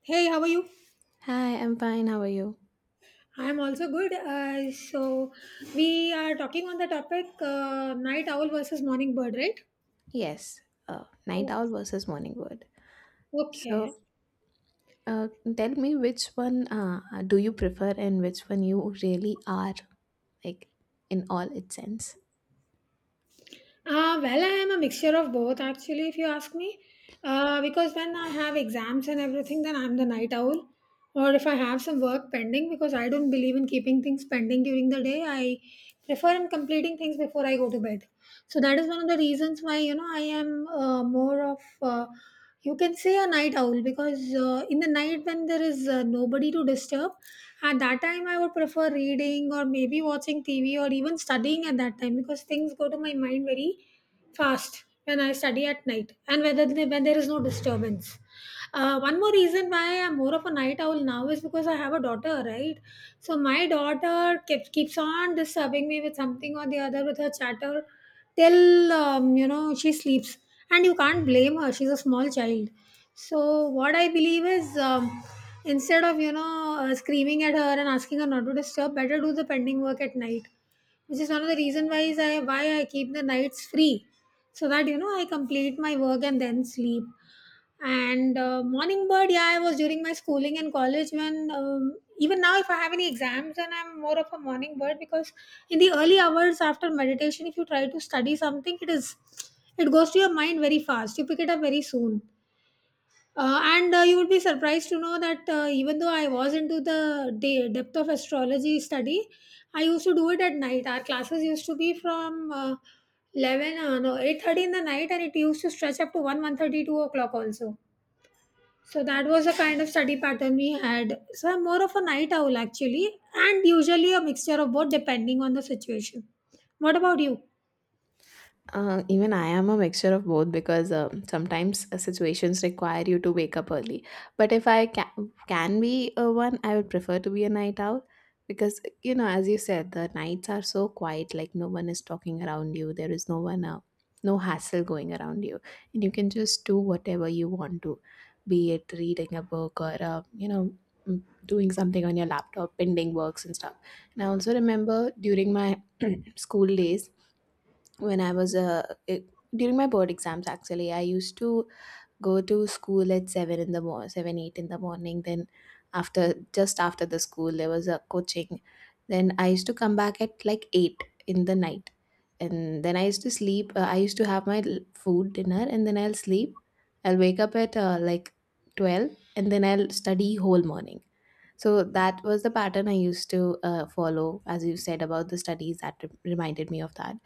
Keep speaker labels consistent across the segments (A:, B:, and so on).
A: Hey, how are you?
B: Hi, I'm fine. How are you?
A: I am also good. We are talking on the topic night owl versus morning bird, right?
B: Yes, night
A: O-
B: owl versus morning bird.
A: Okay.
B: So, uh, Tell me which one do you prefer and which one you really are, like in all its sense?
A: Well, I am a mixture of both, actually, if you ask me. Because when I have exams and everything, then I'm the night owl. Or if I have some work pending, because I don't believe in keeping things pending during the day, I prefer in completing things before I go to bed. So that is one of the reasons why, I am more of, you can say, a night owl, because in the night when there is nobody to disturb, at that time, I would prefer reading or maybe watching TV or even studying at that time because things go to my mind very fast when I study at night and whether they, when there is no disturbance. One more reason why I'm more of a night owl now is because I have a daughter, right? So my daughter keeps on disturbing me with something or the other with her chatter till she sleeps. And you can't blame her, she's a small child. So what I believe is, instead of screaming at her and asking her not to disturb, better do the pending work at night, which is one of the reason why I keep the nights free so that I complete my work and then sleep. And morning bird, yeah, I was during my schooling and college when even now if I have any exams, then I'm more of a morning bird because in the early hours after meditation, if you try to study something, it goes to your mind very fast. You pick it up very soon. And you would be surprised to know that even though I was into the depth of astrology study, I used to do it at night. Our classes used to be from 11, no, 8:30 in the night and it used to stretch up to 1, 1:30, 2 o'clock also, so that was the kind of study pattern we had. So I'm more of a night owl actually, and usually a mixture of both depending on the situation. What about you?
B: Even I am a mixture of both because sometimes situations require you to wake up early. But if can be a one, I would prefer to be a night owl because, you know, as you said, the nights are so quiet, like no one is talking around you, there is no one, no hassle going around you, and you can just do whatever you want to be it reading a book or, doing something on your laptop, pending works and stuff. And I also remember during my school days, when during my board exams actually I used to go to school at 7 in the morning 7 8 in the morning, then after just after the school there was a coaching, then I used to come back at like 8 in the night, and then I used to sleep, I used to have food dinner and then I'll sleep. I'll wake up at like 12 and then I'll study whole morning. So that was the pattern I used to follow, as you said about the studies, that reminded me of that.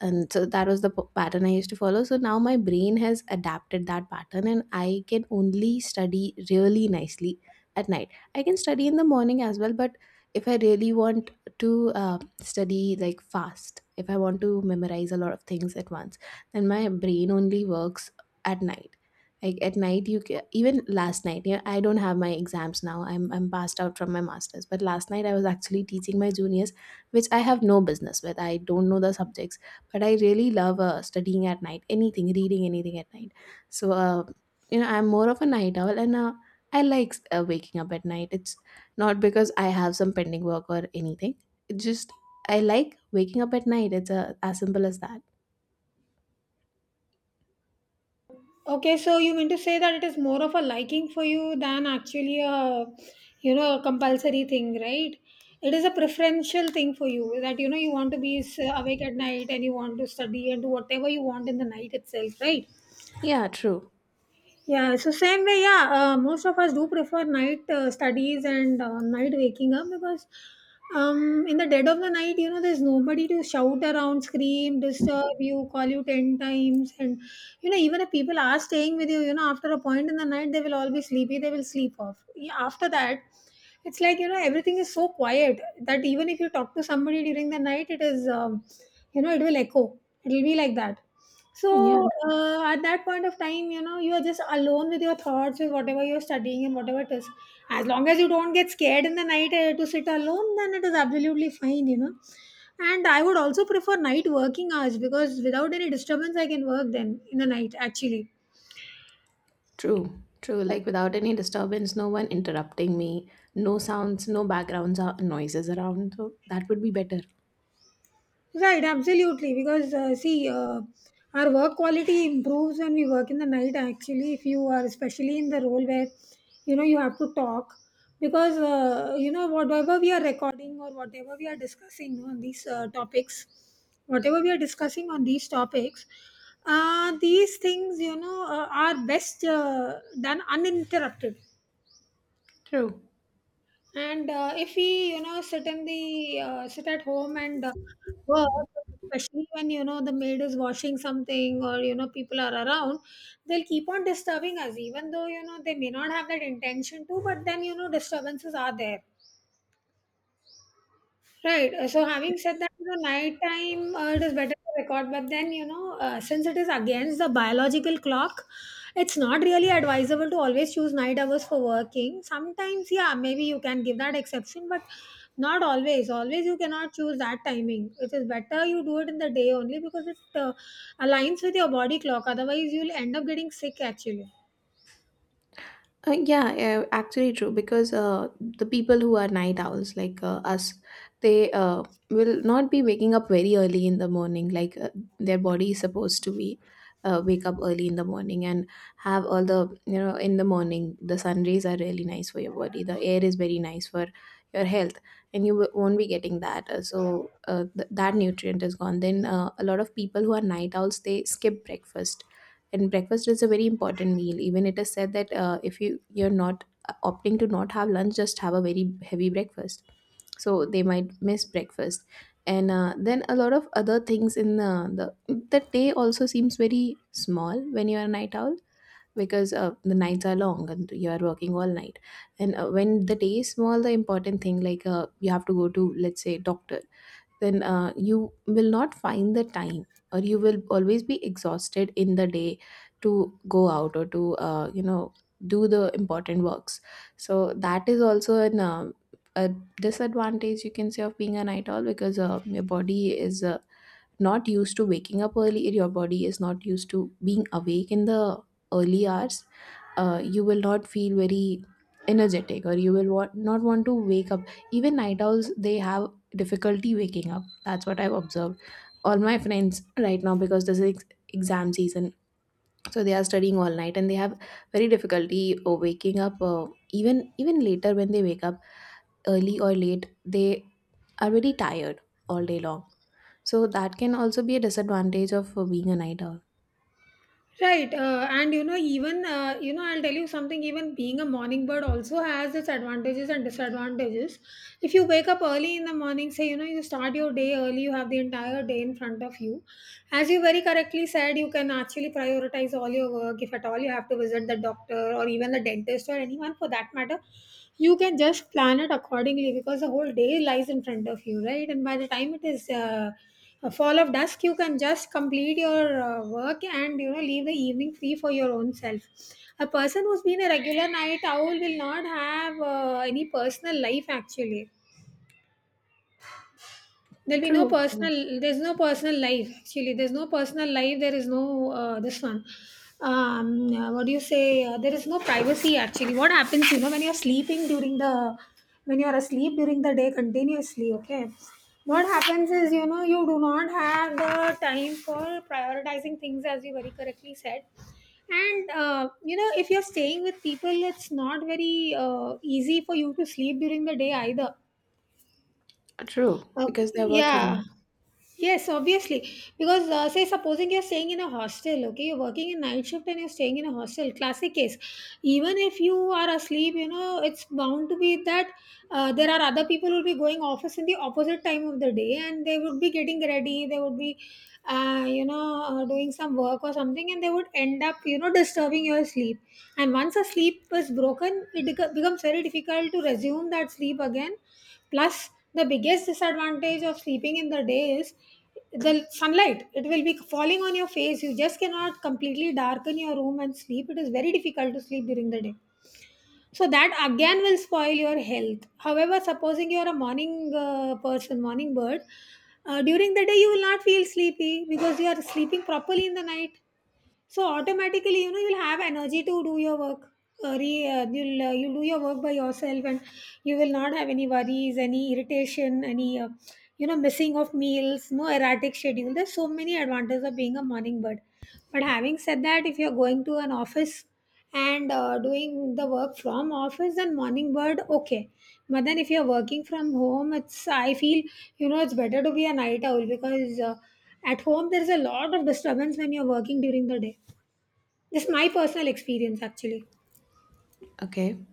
B: And so that was the pattern I used to follow. So now my brain has adapted that pattern, and I can only study really nicely at night. I can study in the morning as well, but if I really want to study like fast, if I want to memorize a lot of things at once, then my brain only works at night. Like at night you ca, even last night, yeah, I don't have my exams now, I'm passed out from my masters, but last night I was actually teaching my juniors, which I have no business with, I don't know the subjects, but I really love studying at night, anything, reading anything at night. So you know, I'm more of a night owl, and I like waking up at night. It's not because I have some pending work or anything, it's just I like waking up at night. It's as simple as that.
A: Okay, so you mean to say that it is more of a liking for you than actually a you know a compulsory thing, right? It is a preferential thing for you that you want to be awake at night and you want to study and do whatever you want in the night itself, right?
B: Yeah, true.
A: Yeah, so same way, yeah, most of us do prefer night studies and night waking up because in the dead of the night, there's nobody to shout around, scream, disturb you, call you 10 times. And, even if people are staying with you, after a point in the night, they will all be sleepy, they will sleep off. Yeah, after that, it's like, everything is so quiet that even if you talk to somebody during the night, it is, you know, it will echo. It will be like that.
B: Yeah.
A: So, at that point of time, you are just alone with your thoughts with whatever you're studying and whatever it is. As long as you don't get scared in the night to sit alone, then it is absolutely fine. And I would also prefer night working hours because without any disturbance, I can work then in the night actually.
B: True, true. Like without any disturbance, no one interrupting me, no sounds, no backgrounds or noises around. So that would be better.
A: Right, absolutely. Because see, our work quality improves when we work in the night. Actually, if you are especially in the role where you have to talk, because whatever we are recording or whatever we are discussing on these topics, whatever we are discussing on these topics, these things are best done uninterrupted,
B: True.
A: and if we, sit in the sit at home and work, especially when the maid is washing something or people are around, they'll keep on disturbing us, even though they may not have that intention to. But then disturbances are there. Right. So, having said that, nighttime it is better to record, but then since it is against the biological clock, it's not really advisable to always choose night hours for working. Sometimes, yeah, maybe you can give that exception, but not always. Always, you cannot choose that timing. It is better you do it in the day only because it aligns with your body clock. Otherwise, you'll end up getting sick actually.
B: Yeah, actually true because the people who are night owls like us, they will not be waking up very early in the morning. Like their body is supposed to be wake up early in the morning and have all the, you know, in the morning the sun rays are really nice for your body. The air is very nice for your health, and you won't be getting that. That nutrient is gone. Then a lot of people who are night owls they skip breakfast, and breakfast is a very important meal. Even it is said that if you're not opting to not have lunch, just have a very heavy breakfast, so they might miss breakfast. And then a lot of other things in the day also seems very small when you are a night owl, because the nights are long and you are working all night. And when the day is small, the important thing, like you have to go to, let's say, doctor, then you will not find the time, or you will always be exhausted in the day to go out or to do the important works. So that is also an a disadvantage, you can say, of being a night owl, because your body is not used to waking up early, your body is not used to being awake in the early hours, you will not feel very energetic, or you will want, not want to wake up. Even night owls, they have difficulty waking up. That's what I've observed. All my friends right now, because this is exam season, so they are studying all night and they have very difficulty waking up. Even even later when they wake up, early or late, they are very tired all day long. So that can also be a disadvantage of being a night owl.
A: Right, and even I'll tell you something. Even being a morning bird also has its advantages and disadvantages. If you wake up early in the morning, say you start your day early, you have the entire day in front of you. As you very correctly said, you can actually prioritize all your work. If at all you have to visit the doctor or even the dentist or anyone for that matter, you can just plan it accordingly because the whole day lies in front of you, right? And by the time it is a fall of dusk, you can just complete your work and leave the evening free for your own self. A person who's been a regular night owl will not have any personal life actually. There'll be no
B: True, true,
A: personal there's no personal life actually, there is no this one. What do you say, there is no privacy actually. What happens, when you're sleeping during the when you're asleep during the day continuously, okay, what happens is, you do not have the time for prioritizing things, as you very correctly said. And if you're staying with people, it's not very easy for you to sleep during the day either.
B: true,
A: Okay.
B: because they're
A: Yeah.
B: working.
A: Yes, obviously. Because, say, supposing you're staying in a hostel, okay, you're working in night shift and you're staying in a hostel, classic case. Even if you are asleep, it's bound to be that there are other people who will be going office in the opposite time of the day and they would be getting ready, they would be, doing some work or something and they would end up, disturbing your sleep. And once a sleep is broken, it becomes very difficult to resume that sleep again, plus the biggest disadvantage of sleeping in the day is the sunlight. It will be falling on your face. You just cannot completely darken your room and sleep. It is very difficult to sleep during the day. So that again will spoil your health. However, supposing you are a morning person, morning bird, during the day you will not feel sleepy because you are sleeping properly in the night. So automatically, you'll have energy to do your work. Re, you'll you do your work by yourself, and you will not have any worries, any irritation, any missing of meals, no erratic schedule. There's so many advantages of being a morning bird. But having said that, if you're going to an office and doing the work from office, then morning bird okay. But then if you're working from home, it's I feel you know it's better to be a night owl because at home there's a lot of disturbance when you're working during the day. This is my personal experience actually.
B: Okay.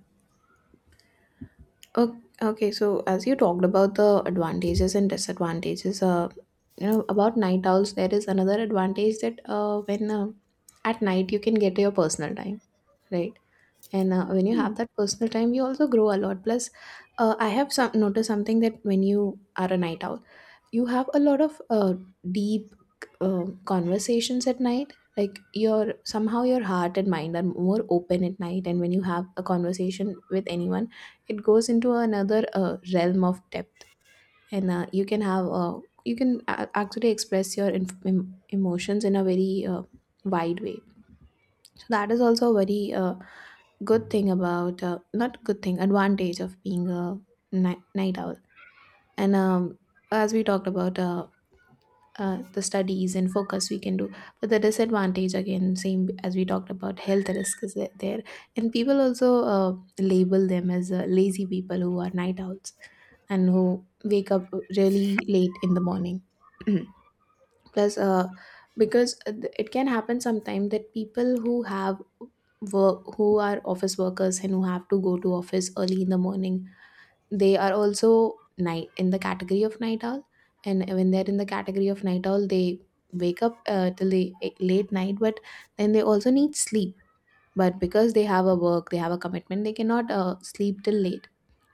B: Okay, so as you talked about the advantages and disadvantages, you know, about night owls, there is another advantage that when at night you can get your personal time, right? And when you have that personal time, you also grow a lot. Plus, I have some, noticed something, that when you are a night owl, you have a lot of deep conversations at night. Like your, somehow your heart and mind are more open at night, and when you have a conversation with anyone, it goes into another realm of depth. And you can have you can actually express your emotions in a very wide way. So that is also a very good thing about, not good thing, advantage of being a night owl. And as we talked about, the studies and focus we can do, but the disadvantage again, same as we talked about, health risk is there. And people also uh, label them as lazy people, who are night owls and who wake up really late in the morning. Plus because it can happen sometimes that people who have work, who are office workers and who have to go to office early in the morning, they are also night, in the category of night owl. And when they're in the category of night owl, they wake up till the late night, but then they also need sleep. But because they have a work, they have a commitment, they cannot sleep till late.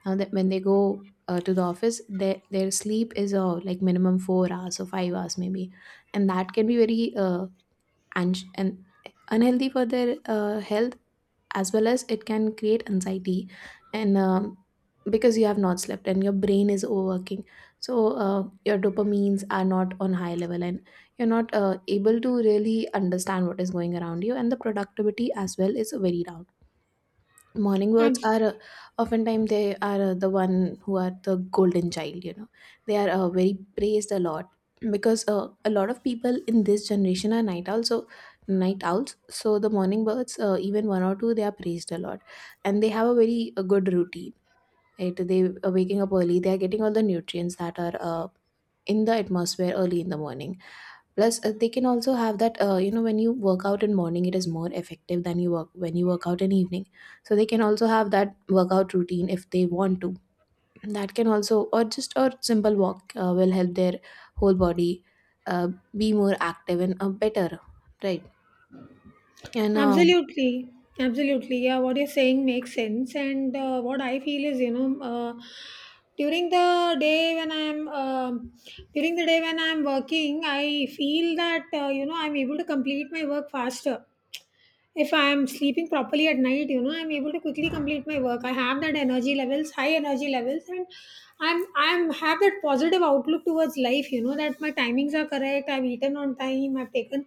B: Now that, when they go to the office, their sleep is like minimum 4 hours or 5 hours maybe, and that can be very and unhealthy for their health, as well as it can create anxiety. And because you have not slept and your brain is overworking, so your dopamines are not on high level, and you're not able to really understand what is going around you, and the productivity as well is very down. Morning
A: I'm
B: birds are oftentimes they are the one who are the golden child, you know, they are very praised a lot, because a lot of people in this generation are night owls, so the morning birds, even one or two, they are praised a lot. And they have a very good routine, right? They are waking up early, they are getting all the nutrients that are in the atmosphere early in the morning. Plus they can also have that, you know, when you work out in morning, it is more effective than you work, when you work out in evening. So they can also have that workout routine if they want to. That can also, or just a simple walk, will help their whole body, uh, be more active and better, right? And
A: Absolutely, absolutely. Yeah, what you're saying makes sense. And what I feel is, during the day when I'm um during the day when I'm working, I feel that I'm able to complete my work faster. If I'm sleeping properly at night, I'm able to quickly complete my work. I have that energy levels, high energy levels, and I'm have that positive outlook towards life. You know that my timings are correct. I've eaten on time. I've taken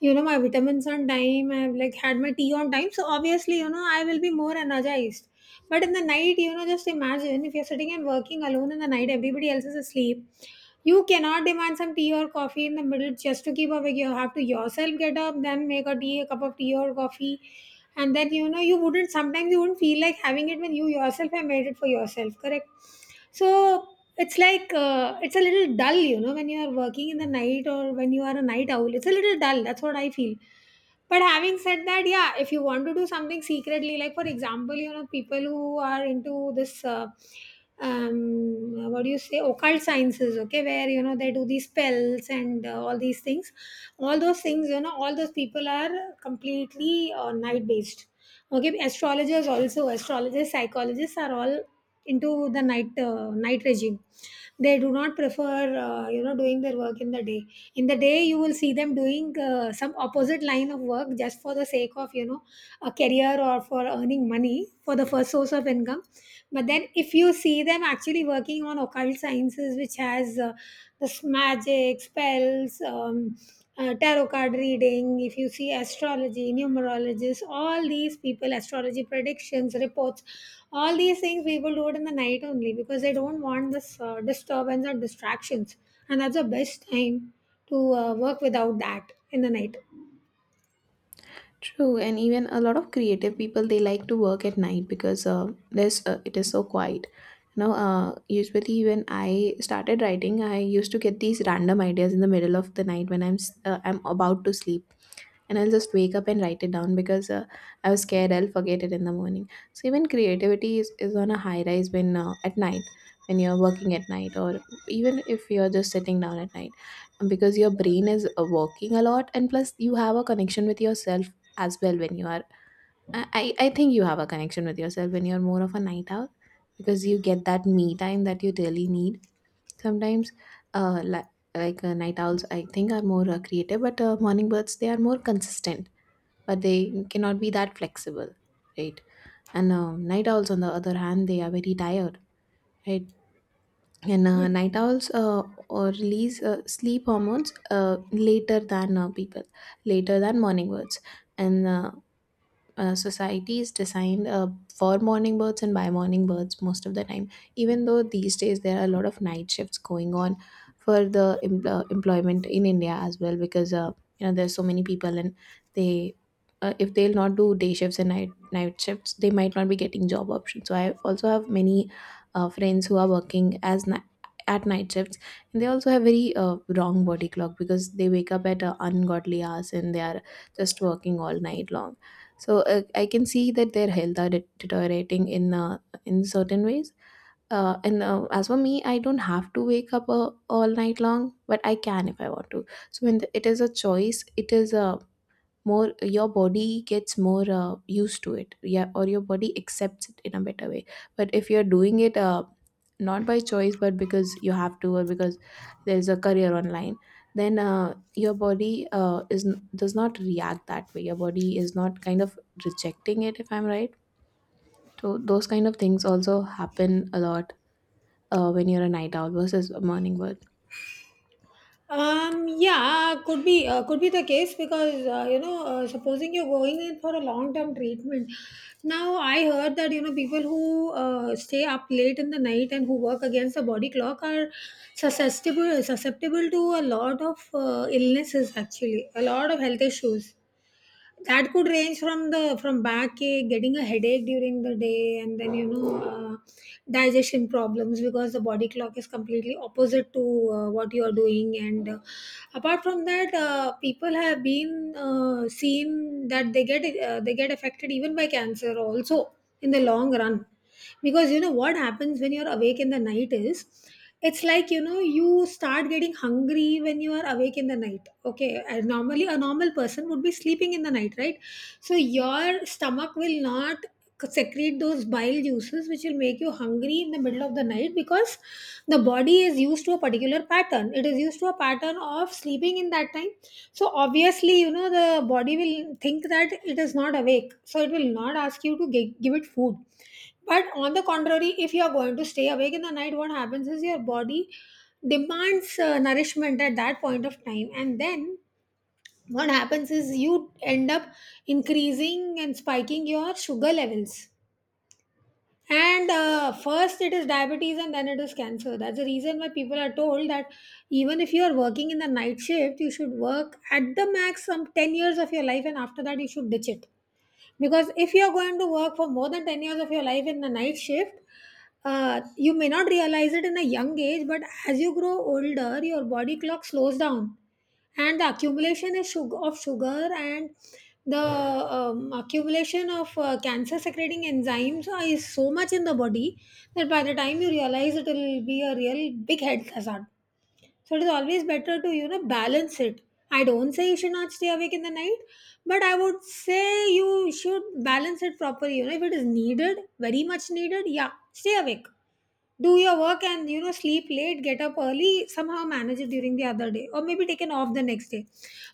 A: my vitamins on time, I've like had my tea on time, so obviously I will be more energized. But in the night, just imagine if you're sitting and working alone in the night, everybody else is asleep. You cannot demand some tea or coffee in the middle just to keep awake. You have to yourself get up, then make a tea, a cup of tea or coffee. And then, you wouldn't, sometimes you wouldn't feel like having it when you yourself have made it for yourself, correct? So it's like, it's a little dull, you know, when you are working in the night or when you are a night owl. It's a little dull. That's what I feel. But having said that, yeah, if you want to do something secretly, like for example, you know, people who are into this, what do you say, occult sciences, okay, where, you know, they do these spells and all these things, all those things, you know, all those people are completely night based. Okay, astrologers also, astrologers, psychologists are all into the night regime. They do not prefer, you know, doing their work in the day. In the day you will see them doing some opposite line of work just for the sake of, you know, a career or for earning money for the first source of income. But then if you see them actually working on occult sciences, which has this magic spells, tarot card reading, if you see astrology, numerologists, all these people, astrology predictions, reports, all these things people do it in the night only because they don't want this disturbance or distractions, and that's the best time to work without that in the night.
B: true, and even a lot of creative people they like to work at night because there's it is so quiet. You know, usually when I started writing, I used to get these random ideas in the middle of the night when I'm about to sleep, and I'll just wake up and write it down because I was scared I'll forget it in the morning. So even creativity is on a high rise when at night when you're working at night, or even if you're just sitting down at night, because your brain is working a lot, and plus you have a connection with yourself as well when you are I think you have a connection with yourself when you're more of a night owl, because you get that me time that you really need sometimes. uh, like Night owls, I think, are more creative, but morning birds, they are more consistent, but they cannot be that flexible, right. And night owls, on the other hand, they are very tired, right. And night owls or release sleep hormones later than morning birds. And Society is designed for morning birds and by morning birds most of the time, even though these days there are a lot of night shifts going on for the employment in India as well, because you know there's so many people, and they, if they'll not do day shifts and night shifts, they might not be getting job options. So I also have many friends who are working as at night shifts, and they also have very wrong body clock, because they wake up at ungodly hours and they are just working all night long. So I can see that their health are deteriorating in certain ways. And as for me, I don't have to wake up all night long, but I can if I want to. So when the, it is a choice, it is a more your body gets more used to it, yeah, or your body accepts it in a better way. But if you're doing it not by choice but because you have to, or because there's a career online, then your body is does not react that way. Your body is not kind of rejecting it, if I'm right. So those kind of things also happen a lot when you're a night owl versus a morning bird.
A: Yeah, could be could be the case, because you know, supposing you're going in for a long term treatment. Now I heard that you know people who stay up late in the night and who work against the body clock are susceptible to a lot of illnesses, actually a lot of health issues. That could range from the, from backache, getting a headache during the day, and then you know digestion problems, because the body clock is completely opposite to what you are doing. And apart from that, people have been seen that they get affected even by cancer also in the long run. Because you know what happens when you're awake in the night is, it's like, you know, you start getting hungry when you are awake in the night. Okay, and normally a normal person would be sleeping in the night, right? So your stomach will not secrete those bile juices which will make you hungry in the middle of the night, because the body is used to a particular pattern, it is used to a pattern of sleeping in that time. So obviously, you know, the body will think that it is not awake, so it will not ask you to give it food. But on the contrary, if you are going to stay awake in the night, what happens is your body demands nourishment at that point of time, and then what happens is you end up increasing and spiking your sugar levels. And first it is diabetes and then it is cancer. That's the reason why people are told that even if you are working in the night shift, you should work at the max some 10 years of your life, and after that you should ditch it. Because if you are going to work for more than 10 years of your life in the night shift, you may not realize it in a young age, but as you grow older your body clock slows down, and the accumulation is sugar, of sugar, and the accumulation of cancer secreting enzymes is so much in the body that by the time you realize, it will be a real big health hazard. So it is always better to, you know, balance it. I don't say you should not stay awake in the night, but I would say you should balance it properly. You know, if it is needed, very much needed, yeah, stay awake, do your work, and, you know, sleep late, get up early, somehow manage it during the other day, or maybe take an off the next day.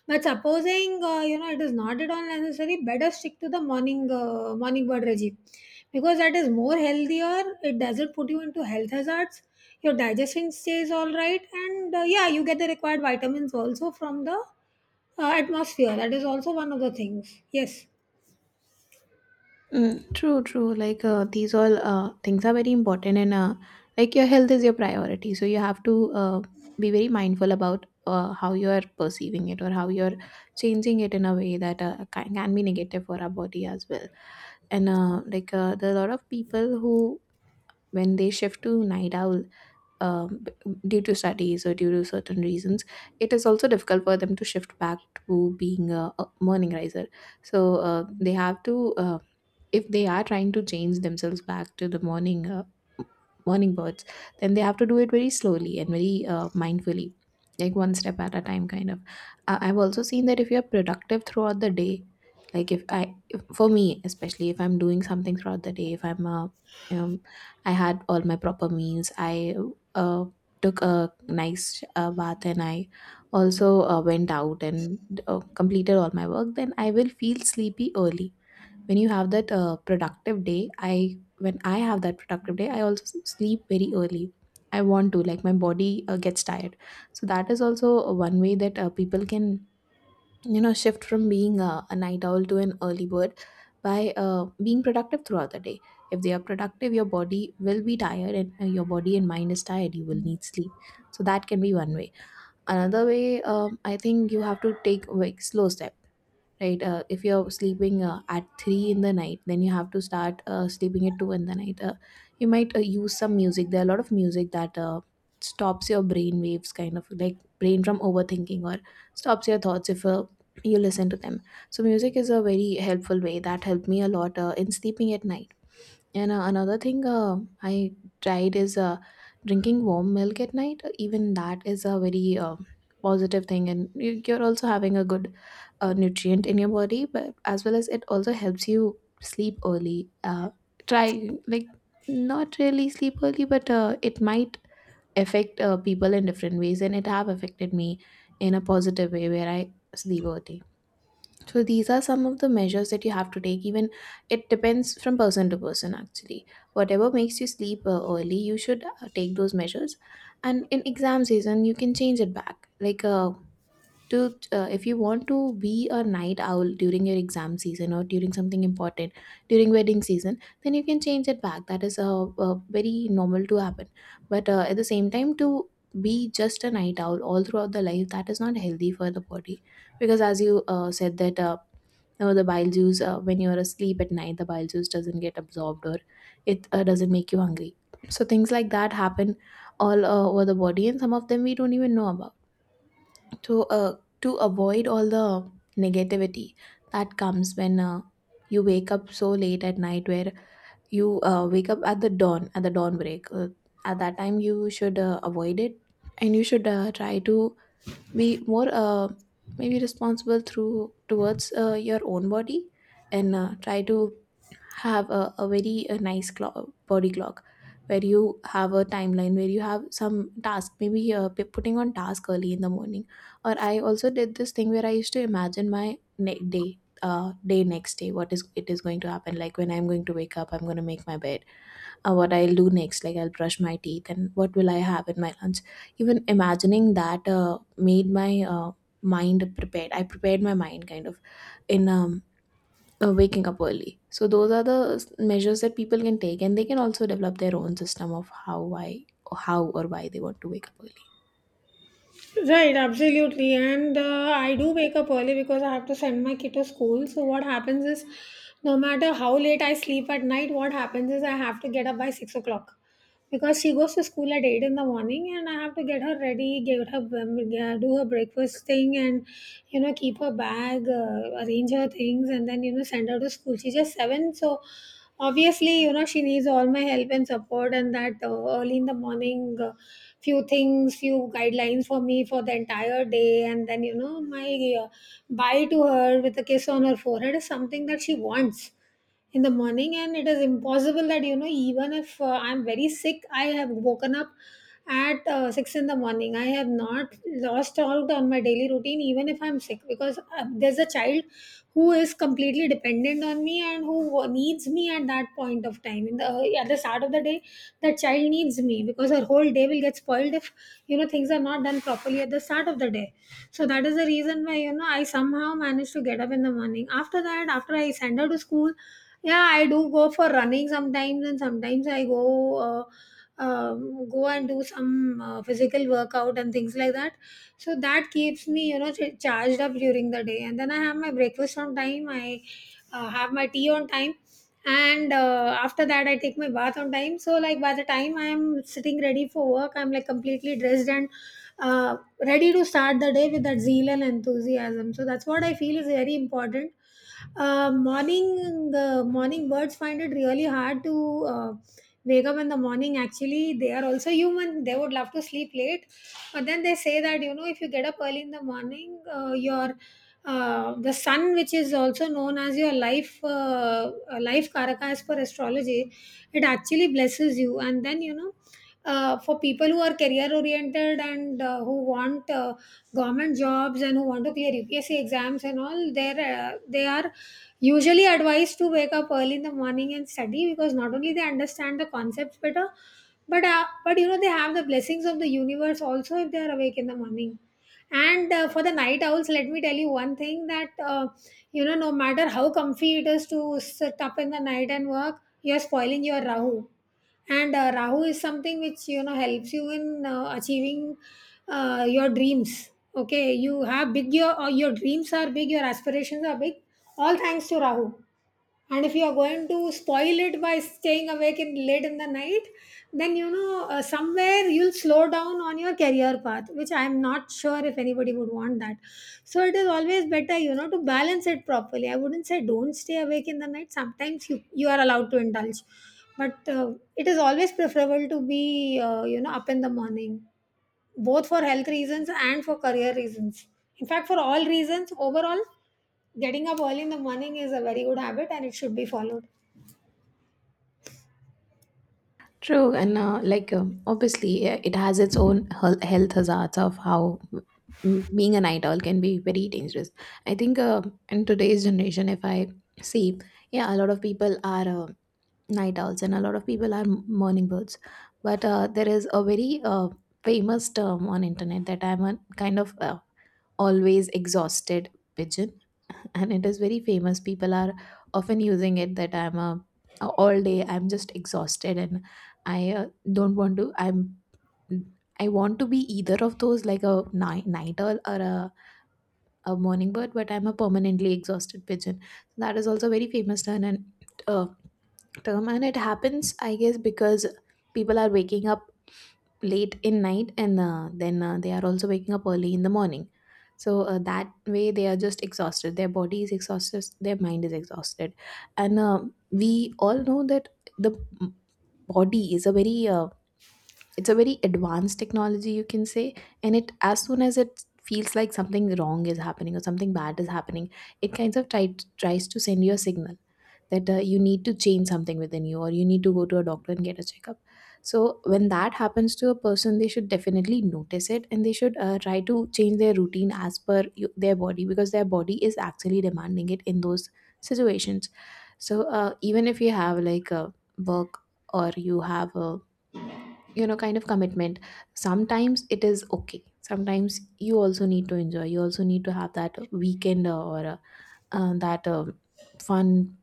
A: But supposing, you know, it is not at all necessary, better stick to the morning bird regime, because that is more healthier. It doesn't put you into health hazards, your digestion stays all right, and yeah, you get the required vitamins also from the atmosphere, that is also one of the things. Yes.
B: Mm, true, true. Like these all things are very important, and like, your health is your priority. So you have to be very mindful about how you are perceiving it, or how you're changing it in a way that can be negative for our body as well. And like there are a lot of people who, when they shift to night owl, um, b- due to studies or due to certain reasons, it is also difficult for them to shift back to being a morning riser. So they have to. If they are trying to change themselves back to the morning birds, then they have to do it very slowly and very mindfully, like one step at a time kind of. I've also seen that if you're productive throughout the day, like if I if, for me especially, if I'm doing something throughout the day, if I'm you know I had all my proper meals, I uh, took a nice bath, and I also went out and completed all my work, then I will feel sleepy early. When you have that productive day, I when I have that productive day, I also sleep very early. I want to, like my body gets tired. So that is also one way that people can, you know, shift from being a night owl to an early bird, by being productive throughout the day. If they are productive, your body will be tired, and your body and mind is tired, you will need sleep. So that can be one way. Another way, I think, you have to take like slow step, right. If you're sleeping at 3 in the night, then you have to start sleeping at 2 in the night. You might use some music. There are a lot of music that stops your brain waves, kind of like brain from overthinking, or stops your thoughts if you listen to them. So music is a very helpful way that helped me a lot in sleeping at night. And another thing I tried is drinking warm milk at night. Even that is a very positive thing, and you- you're also having a good nutrient in your body, but as well as it also helps you sleep early. Try, like, not really sleep early, but it might affect people in different ways, and it have affected me in a positive way where I sleep early. So these are some of the measures that you have to take. Even it depends from person to person, actually. Whatever makes you sleep early, you should take those measures. And in exam season, you can change it back. Like to if you want to be a night owl during your exam season, or during something important, during wedding season, then you can change it back. That is very normal to happen. But at the same time, to be just a night owl all throughout the life, that is not healthy for the body, because as you said that. Now the bile juice, when you are asleep at night, the bile juice doesn't get absorbed, or it doesn't make you hungry. So things like that happen all over the body, and some of them we don't even know about. So to avoid all the negativity that comes when you wake up so late at night, where you wake up at the dawn, at the dawn break, at that time you should avoid it, and you should try to be more maybe responsible through towards your own body. And try to have a very nice clock, body clock, where you have a timeline, where you have some task, maybe putting on task early in the morning. Or I also did this thing where I used to imagine my ne- day day next day, what is it is going to happen, like when I'm going to wake up, I'm going to make my bed, what I'll do next, like I'll brush my teeth, and what will I have in my lunch. Even imagining that made my mind prepared. I prepared my mind, kind of, in waking up early. So those are the measures that people can take, and they can also develop their own system of how why, or how or why they want to wake up early.
A: Right, absolutely. And I do wake up early because I have to send my kid to school. So, what happens is, no matter how late I sleep at night, what happens is I have to get up by 6 o'clock. Because she goes to school at 8 in the morning and I have to get her ready, get her yeah, do her breakfast thing, and, you know, keep her bag, arrange her things, and then, you know, send her to school. She's just 7, so obviously, you know, she needs all my help and support. And that early in the morning, few things, few guidelines for me for the entire day, and then you know my bye to her with a kiss on her forehead is something that she wants in the morning. And it is impossible that, you know, even if I'm very sick, I have woken up at 6 in the morning. I have not lost out on my daily routine even if I'm sick, because there's a child who is completely dependent on me and who needs me at that point of time in the at the start of the day. That child needs me, because her whole day will get spoiled if, you know, things are not done properly at the start of the day. So that is the reason why, you know, I somehow managed to get up in the morning. After that, after I send her to school, yeah, I do go for running sometimes, and sometimes I go and do some physical workout and things like that. So that keeps me, you know, charged up during the day. And then I have my breakfast on time. I have my tea on time, and after that I take my bath on time. So like by the time I am sitting ready for work, I'm like completely dressed and uh, ready to start the day with that zeal and enthusiasm. So that's what I feel is very important. The morning birds find it really hard to wake up in the morning. Actually, they are also human. They would love to sleep late, but then they say that, you know, if you get up early in the morning, your, the sun, which is also known as your life, life karaka as per astrology, it actually blesses you. And then, you know, for people who are career oriented and who want government jobs and who want to clear UPSC exams and all, there they are usually advised to wake up early in the morning and study, because not only they understand the concepts better, but you know they have the blessings of the universe also if they are awake in the morning. And for the night owls, let me tell you one thing, that you know, no matter how comfy it is to sit up in the night and work, you're spoiling your rahu. And rahu is something which, you know, helps you in achieving your dreams. Okay, you have big your or your dreams are big, your aspirations are big, all thanks to rahu. And if you are going to spoil it by staying awake in late in the night, then, you know, somewhere you'll slow down on your career path, which I'm not sure if anybody would want that. So it is always better, you know, to balance it properly. I wouldn't say don't stay awake in the night, sometimes you are allowed to indulge, but it is always preferable to be, you know, up in the morning, both for health reasons and for career reasons. In fact, for all reasons, overall, getting up early in the morning is a very good habit and it should be followed.
B: True, and like obviously, it has its own health hazards of how being an idol can be very dangerous. I think in today's generation, if I see, yeah, a lot of people are night owls, and a lot of people are morning birds. But there is a very famous term on internet that I'm a kind of always exhausted pigeon and it is very famous, people are often using it, that I'm a, all day I'm just exhausted, and I don't want to, I'm, I want to be either of those, like a night owl or a morning bird, but I'm a permanently exhausted pigeon. That is also a very famous term. And uh, it happens, I guess, because people are waking up late in night, and then they are also waking up early in the morning. So that way, they are just exhausted, their body is exhausted, their mind is exhausted. And we all know that the body is a very it's a very advanced technology, you can say. And it, as soon as it feels like something wrong is happening, or something bad is happening, it kind of tries to send you a signal that you need to change something within you, or you need to go to a doctor and get a checkup. So when that happens to a person, they should definitely notice it, and they should try to change their routine as per you, their body, because their body is actually demanding it in those situations. So even if you have like a work, or you have a, you know, kind of commitment, sometimes it is okay, sometimes you also need to enjoy, you also need to have that weekend, or that fun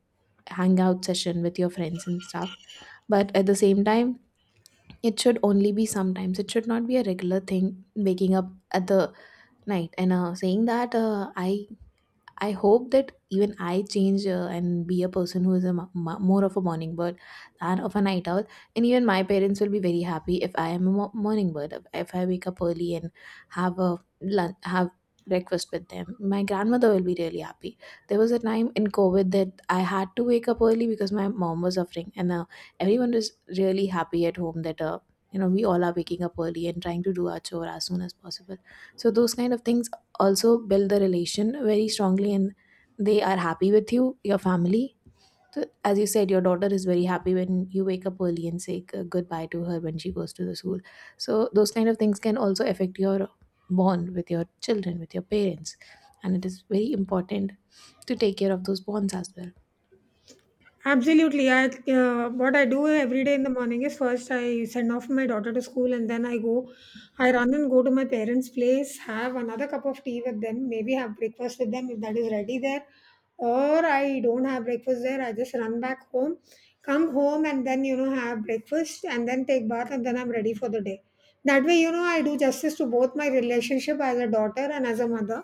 B: hangout session with your friends and stuff. But at the same time, it should only be sometimes, it should not be a regular thing, waking up at the night and saying that I hope that even I change and be a person who is a more of a morning bird than of a night owl. And even my parents will be very happy if I am a morning bird. If I wake up early and have a lunch, have breakfast with them, my grandmother will be really happy. There was a time in COVID that I had to wake up early because my mom was suffering, and everyone was really happy at home that you know, we all are waking up early and trying to do our chore as soon as possible. So those kind of things also build the relation very strongly, and they are happy with you, your family. So as you said, your daughter is very happy when you wake up early and say goodbye to her when she goes to the school. So those kind of things can also affect your bond with your children, with your parents, and it is very important to take care of those bonds as well.
A: Absolutely. I, what I do every day in the morning is first I send off my daughter to school, and then I go, I run and go to my parents' place, have another cup of tea with them, maybe have breakfast with them if that is ready there. Or I don't have breakfast there, I just run back home, come home, and then, you know, have breakfast, and then take bath, and then I'm ready for the day. That way, you know, I do justice to both my relationship as a daughter and as a mother.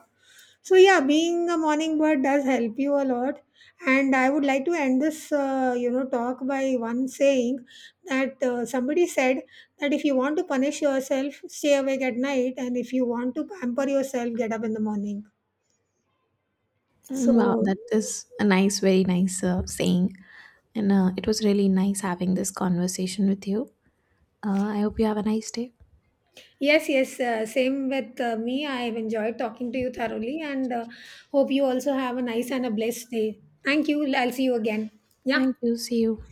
A: So yeah, being a morning bird does help you a lot. And I would like to end this, you know, talk by one saying, that somebody said that if you want to punish yourself, stay awake at night, and if you want to pamper yourself, get up in the morning.
B: Mm, wow,
A: So
B: that is a nice, very nice saying. And it was really nice having this conversation with you. I hope you have a nice day.
A: yes, yes, same with me. I have enjoyed talking to you thoroughly, and hope you also have a nice and a blessed day. Thank you. I'll see you again. Yeah.
B: Thank you, see you.